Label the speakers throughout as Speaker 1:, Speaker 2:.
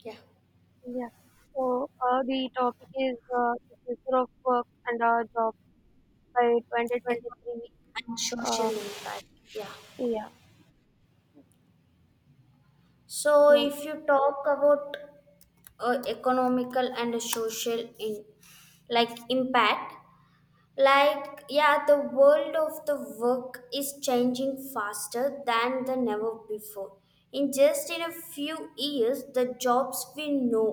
Speaker 1: Yeah,
Speaker 2: Yeah. So the topic is the future of work and our jobs by 2023.
Speaker 1: economic and social
Speaker 2: Uh,
Speaker 1: impact. Yeah.
Speaker 2: yeah.
Speaker 1: So
Speaker 2: So
Speaker 1: if you talk about economical and social in like impact. Yeah, the world of the work is changing faster than the never before. In a few years, the jobs we know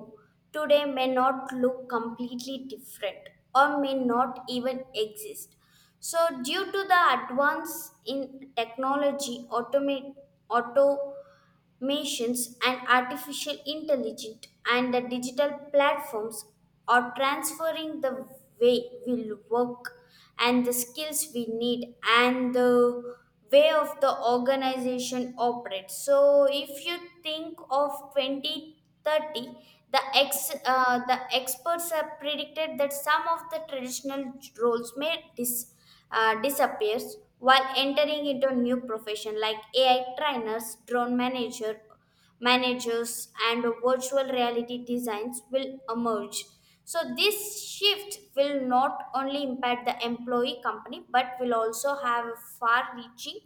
Speaker 1: today may not look completely different or may not even exist. So, due to the advance in technology, automate, auto machines and artificial intelligence and the digital platforms are transferring the way we work and the skills we need and the way of the organization operates. So if you think of 2030, the experts have predicted that some of the traditional roles may disappear disappears while entering into new profession like AI trainers, managers, and virtual reality designs will emerge. So this shift will not only impact the employee company but will also have far-reaching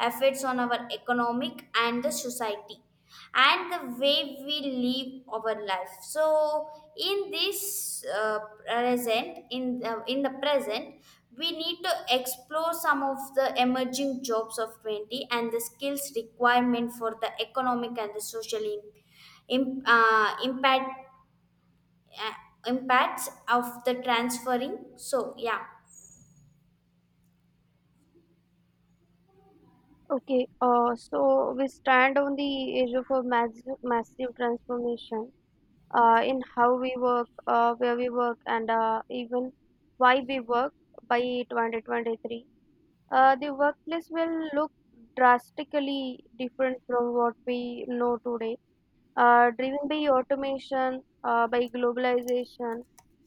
Speaker 1: effects on our economic and the society and the way we live our life. So in this present in the present we need to explore some of the emerging jobs of 20 and the skills requirement for the economic and the social im- uh, impact uh, impacts of the transferring. So yeah.
Speaker 2: okay. So we stand on the edge of a massive, massive transformation in how we work, where we work, and even why we work by 2023. The workplace will look drastically different from what we know today, driven by automation, by globalization,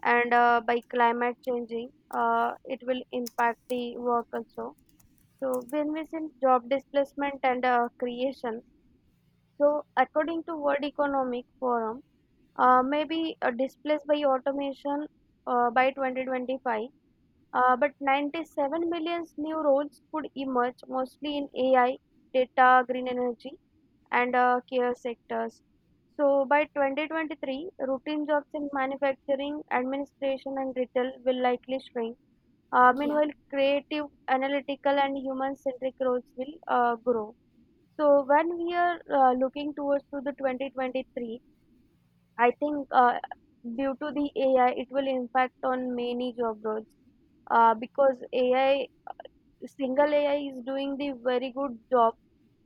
Speaker 2: and by climate changing. Uh, it will impact the work also. So when we see job displacement and creation, so according to World Economic Forum, maybe displaced by automation by 2025, but 97 million new roles could emerge, mostly in AI, data, green energy, and care sectors. So by 2023, routine jobs in manufacturing, administration, and retail will likely shrink.
Speaker 1: Yeah.
Speaker 2: Meanwhile, creative, analytical, and human-centric roles will grow. So when we are looking towards to the 2023, I think due to the AI, it will impact on many job roles because AI, single AI is doing the very good job.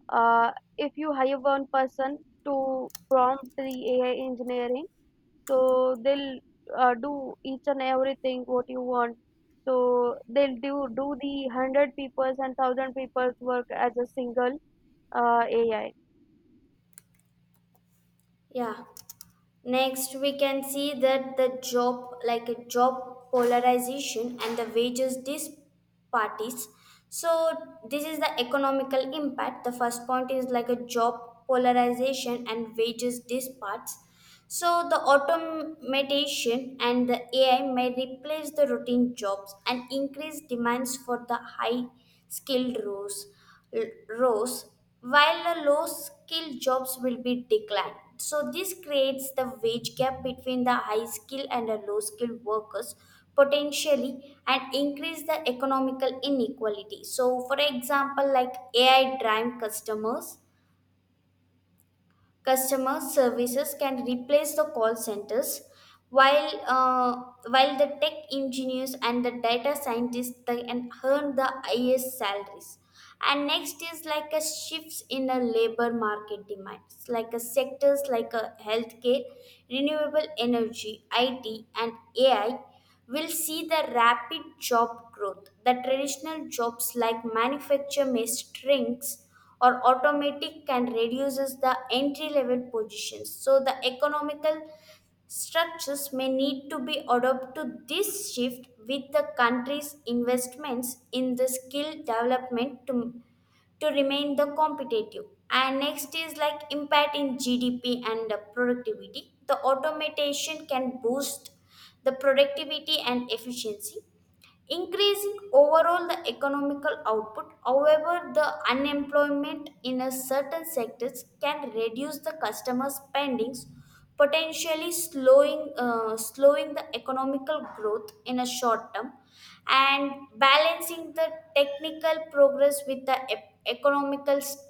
Speaker 2: uh, if you hire one person to prompt the AI engineering, so they'll do each and everything what you want. So they'll do the hundred people's and thousand people's work as a single AI.
Speaker 1: Yeah. Next, we can see that the job, like a job polarization and the wages disparities. So, this is the economical impact. The first point is like a job polarization and wages disparities. So, the automation and the AI may replace the routine jobs and increase demands for the high skilled roles, while the low skilled jobs will be declined. So, this creates the wage gap between the high skilled and the low skilled workers potentially and increase the economical inequality. So, for example, like AI drive customer services can replace the call centers, while uh, while the tech engineers and the data scientists, they can earn the highest salaries. And next is like a shifts in the labor market demands, like a sectors like a healthcare, renewable energy, it, and AI will see the rapid job growth. The traditional jobs like manufacture may shrinks or automatic can reduces the entry level positions. So the economical structures may need to be adapted to this shift with the country's investments in the skill development to remain the competitive. And next is like impact in GDP and the productivity. The automation can boost the productivity and efficiency, increasing overall the economical output. However, the unemployment in a certain sectors can reduce the customer spendings, potentially slowing the economical growth in a short term. And balancing the technical progress with the economical st-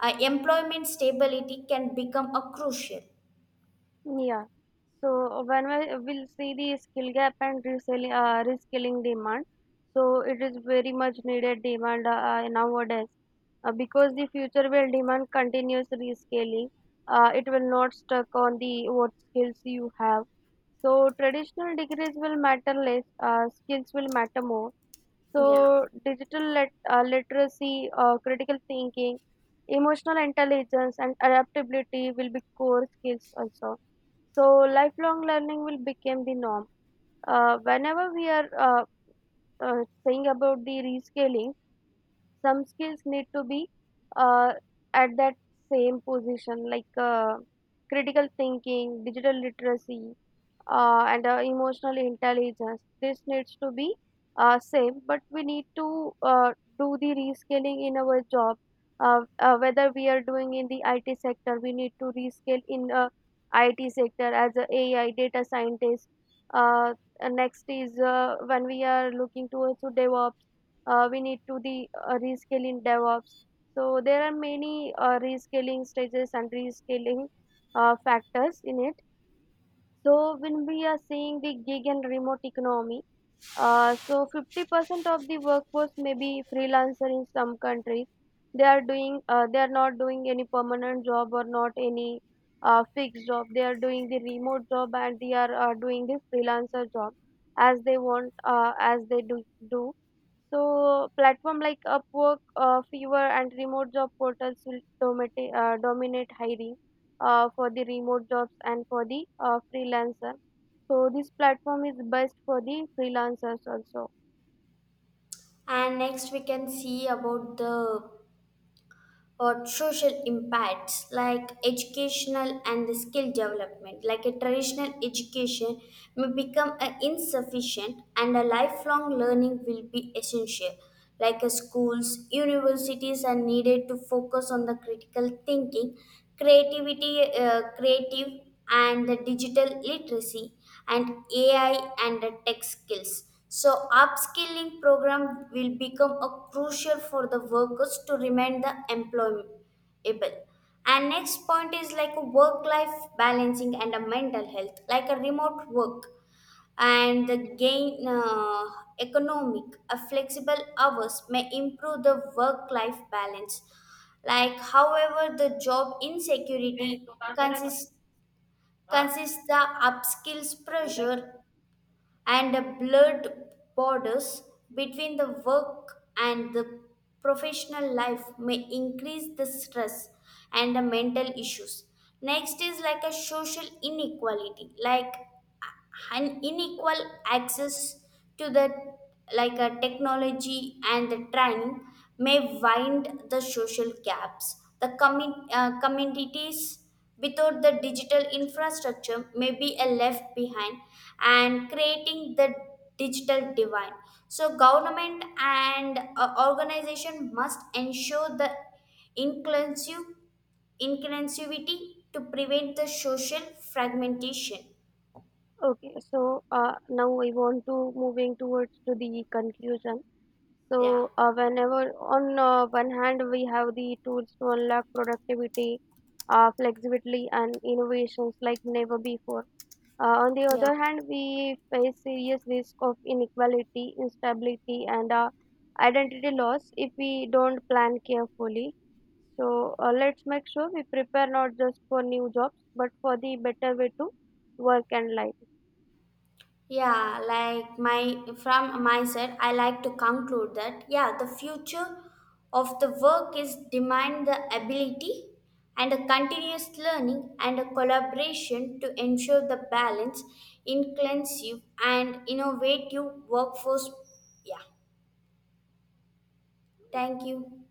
Speaker 1: employment stability can become a crucial.
Speaker 2: Yeah. So when we will see the skill gap and reskilling demand, so it is very much needed demand nowadays because the future will demand continuous reskilling. It will not stuck on the what skills you have. So traditional degrees will matter less. Skills will matter more.
Speaker 1: Yeah.
Speaker 2: So digital literacy, critical thinking, emotional intelligence, and adaptability will be core skills also, so lifelong learning will become the norm. Whenever we are saying about the rescaling, some skills need to be uh, at that same position, like critical thinking, digital literacy, and emotional intelligence, this needs to be same, but we need to do the rescaling in our job, whether we are doing in the IT sector, we need to rescale in IT sector as a AI data scientist. uh, and next is, when we are looking towards to DevOps, we need to the rescale in DevOps. So there are many rescaling stages and rescaling factors in it. So when we are seeing the gig and remote economy, so 50% of the workforce may be freelancer in some countries. They are doing they are not doing any permanent job or not any fixed job. They are doing the remote job and they are doing the freelancer job as they want, as they do. So platform like Upwork, Fiverr, and remote job portals will dominate hiring for the remote jobs and for the freelancer. So this platform is best for the freelancers also.
Speaker 1: And next we can see about the or social impacts, like educational and the skill development, like a traditional education may become a insufficient and a lifelong learning will be essential. Like a schools universities are needed to focus on the critical thinking, creativity creative and the digital literacy and AI and the tech skills. So, upskilling program will become a crucial for the workers to remain the employable. And next point is like a work-life balancing and a mental health, like a remote work and the gain economic, a flexible hours may improve the work-life balance. Like, however, the job insecurity consists the upskills pressure and the blurred borders between the work and the professional life may increase the stress and the mental issues. Next is like a social inequality, like an unequal access to the like a technology and the training may wind the social gaps. The communities without the digital infrastructure may be a left behind and creating the digital divide. So government and organization must ensure the inclusive inclusivity to prevent the social fragmentation.
Speaker 2: Okay, so now I want to moving towards to the conclusion.
Speaker 1: Yeah.
Speaker 2: So, whenever on one hand we have the tools to unlock productivity, flexibility, and innovations like never before. On the
Speaker 1: Yeah.
Speaker 2: other hand, we face serious risk of inequality, instability, and identity loss if we don't plan carefully. So let's make sure we prepare not just for new jobs, but for the better way to work and life.
Speaker 1: Yeah, like my from my side, I like to conclude that yeah, the future of the work is demand the ability and a continuous learning and a collaboration to ensure the balance, inclusive and innovative workforce. Yeah, thank you.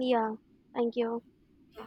Speaker 2: Yeah, thank you.
Speaker 1: Yeah.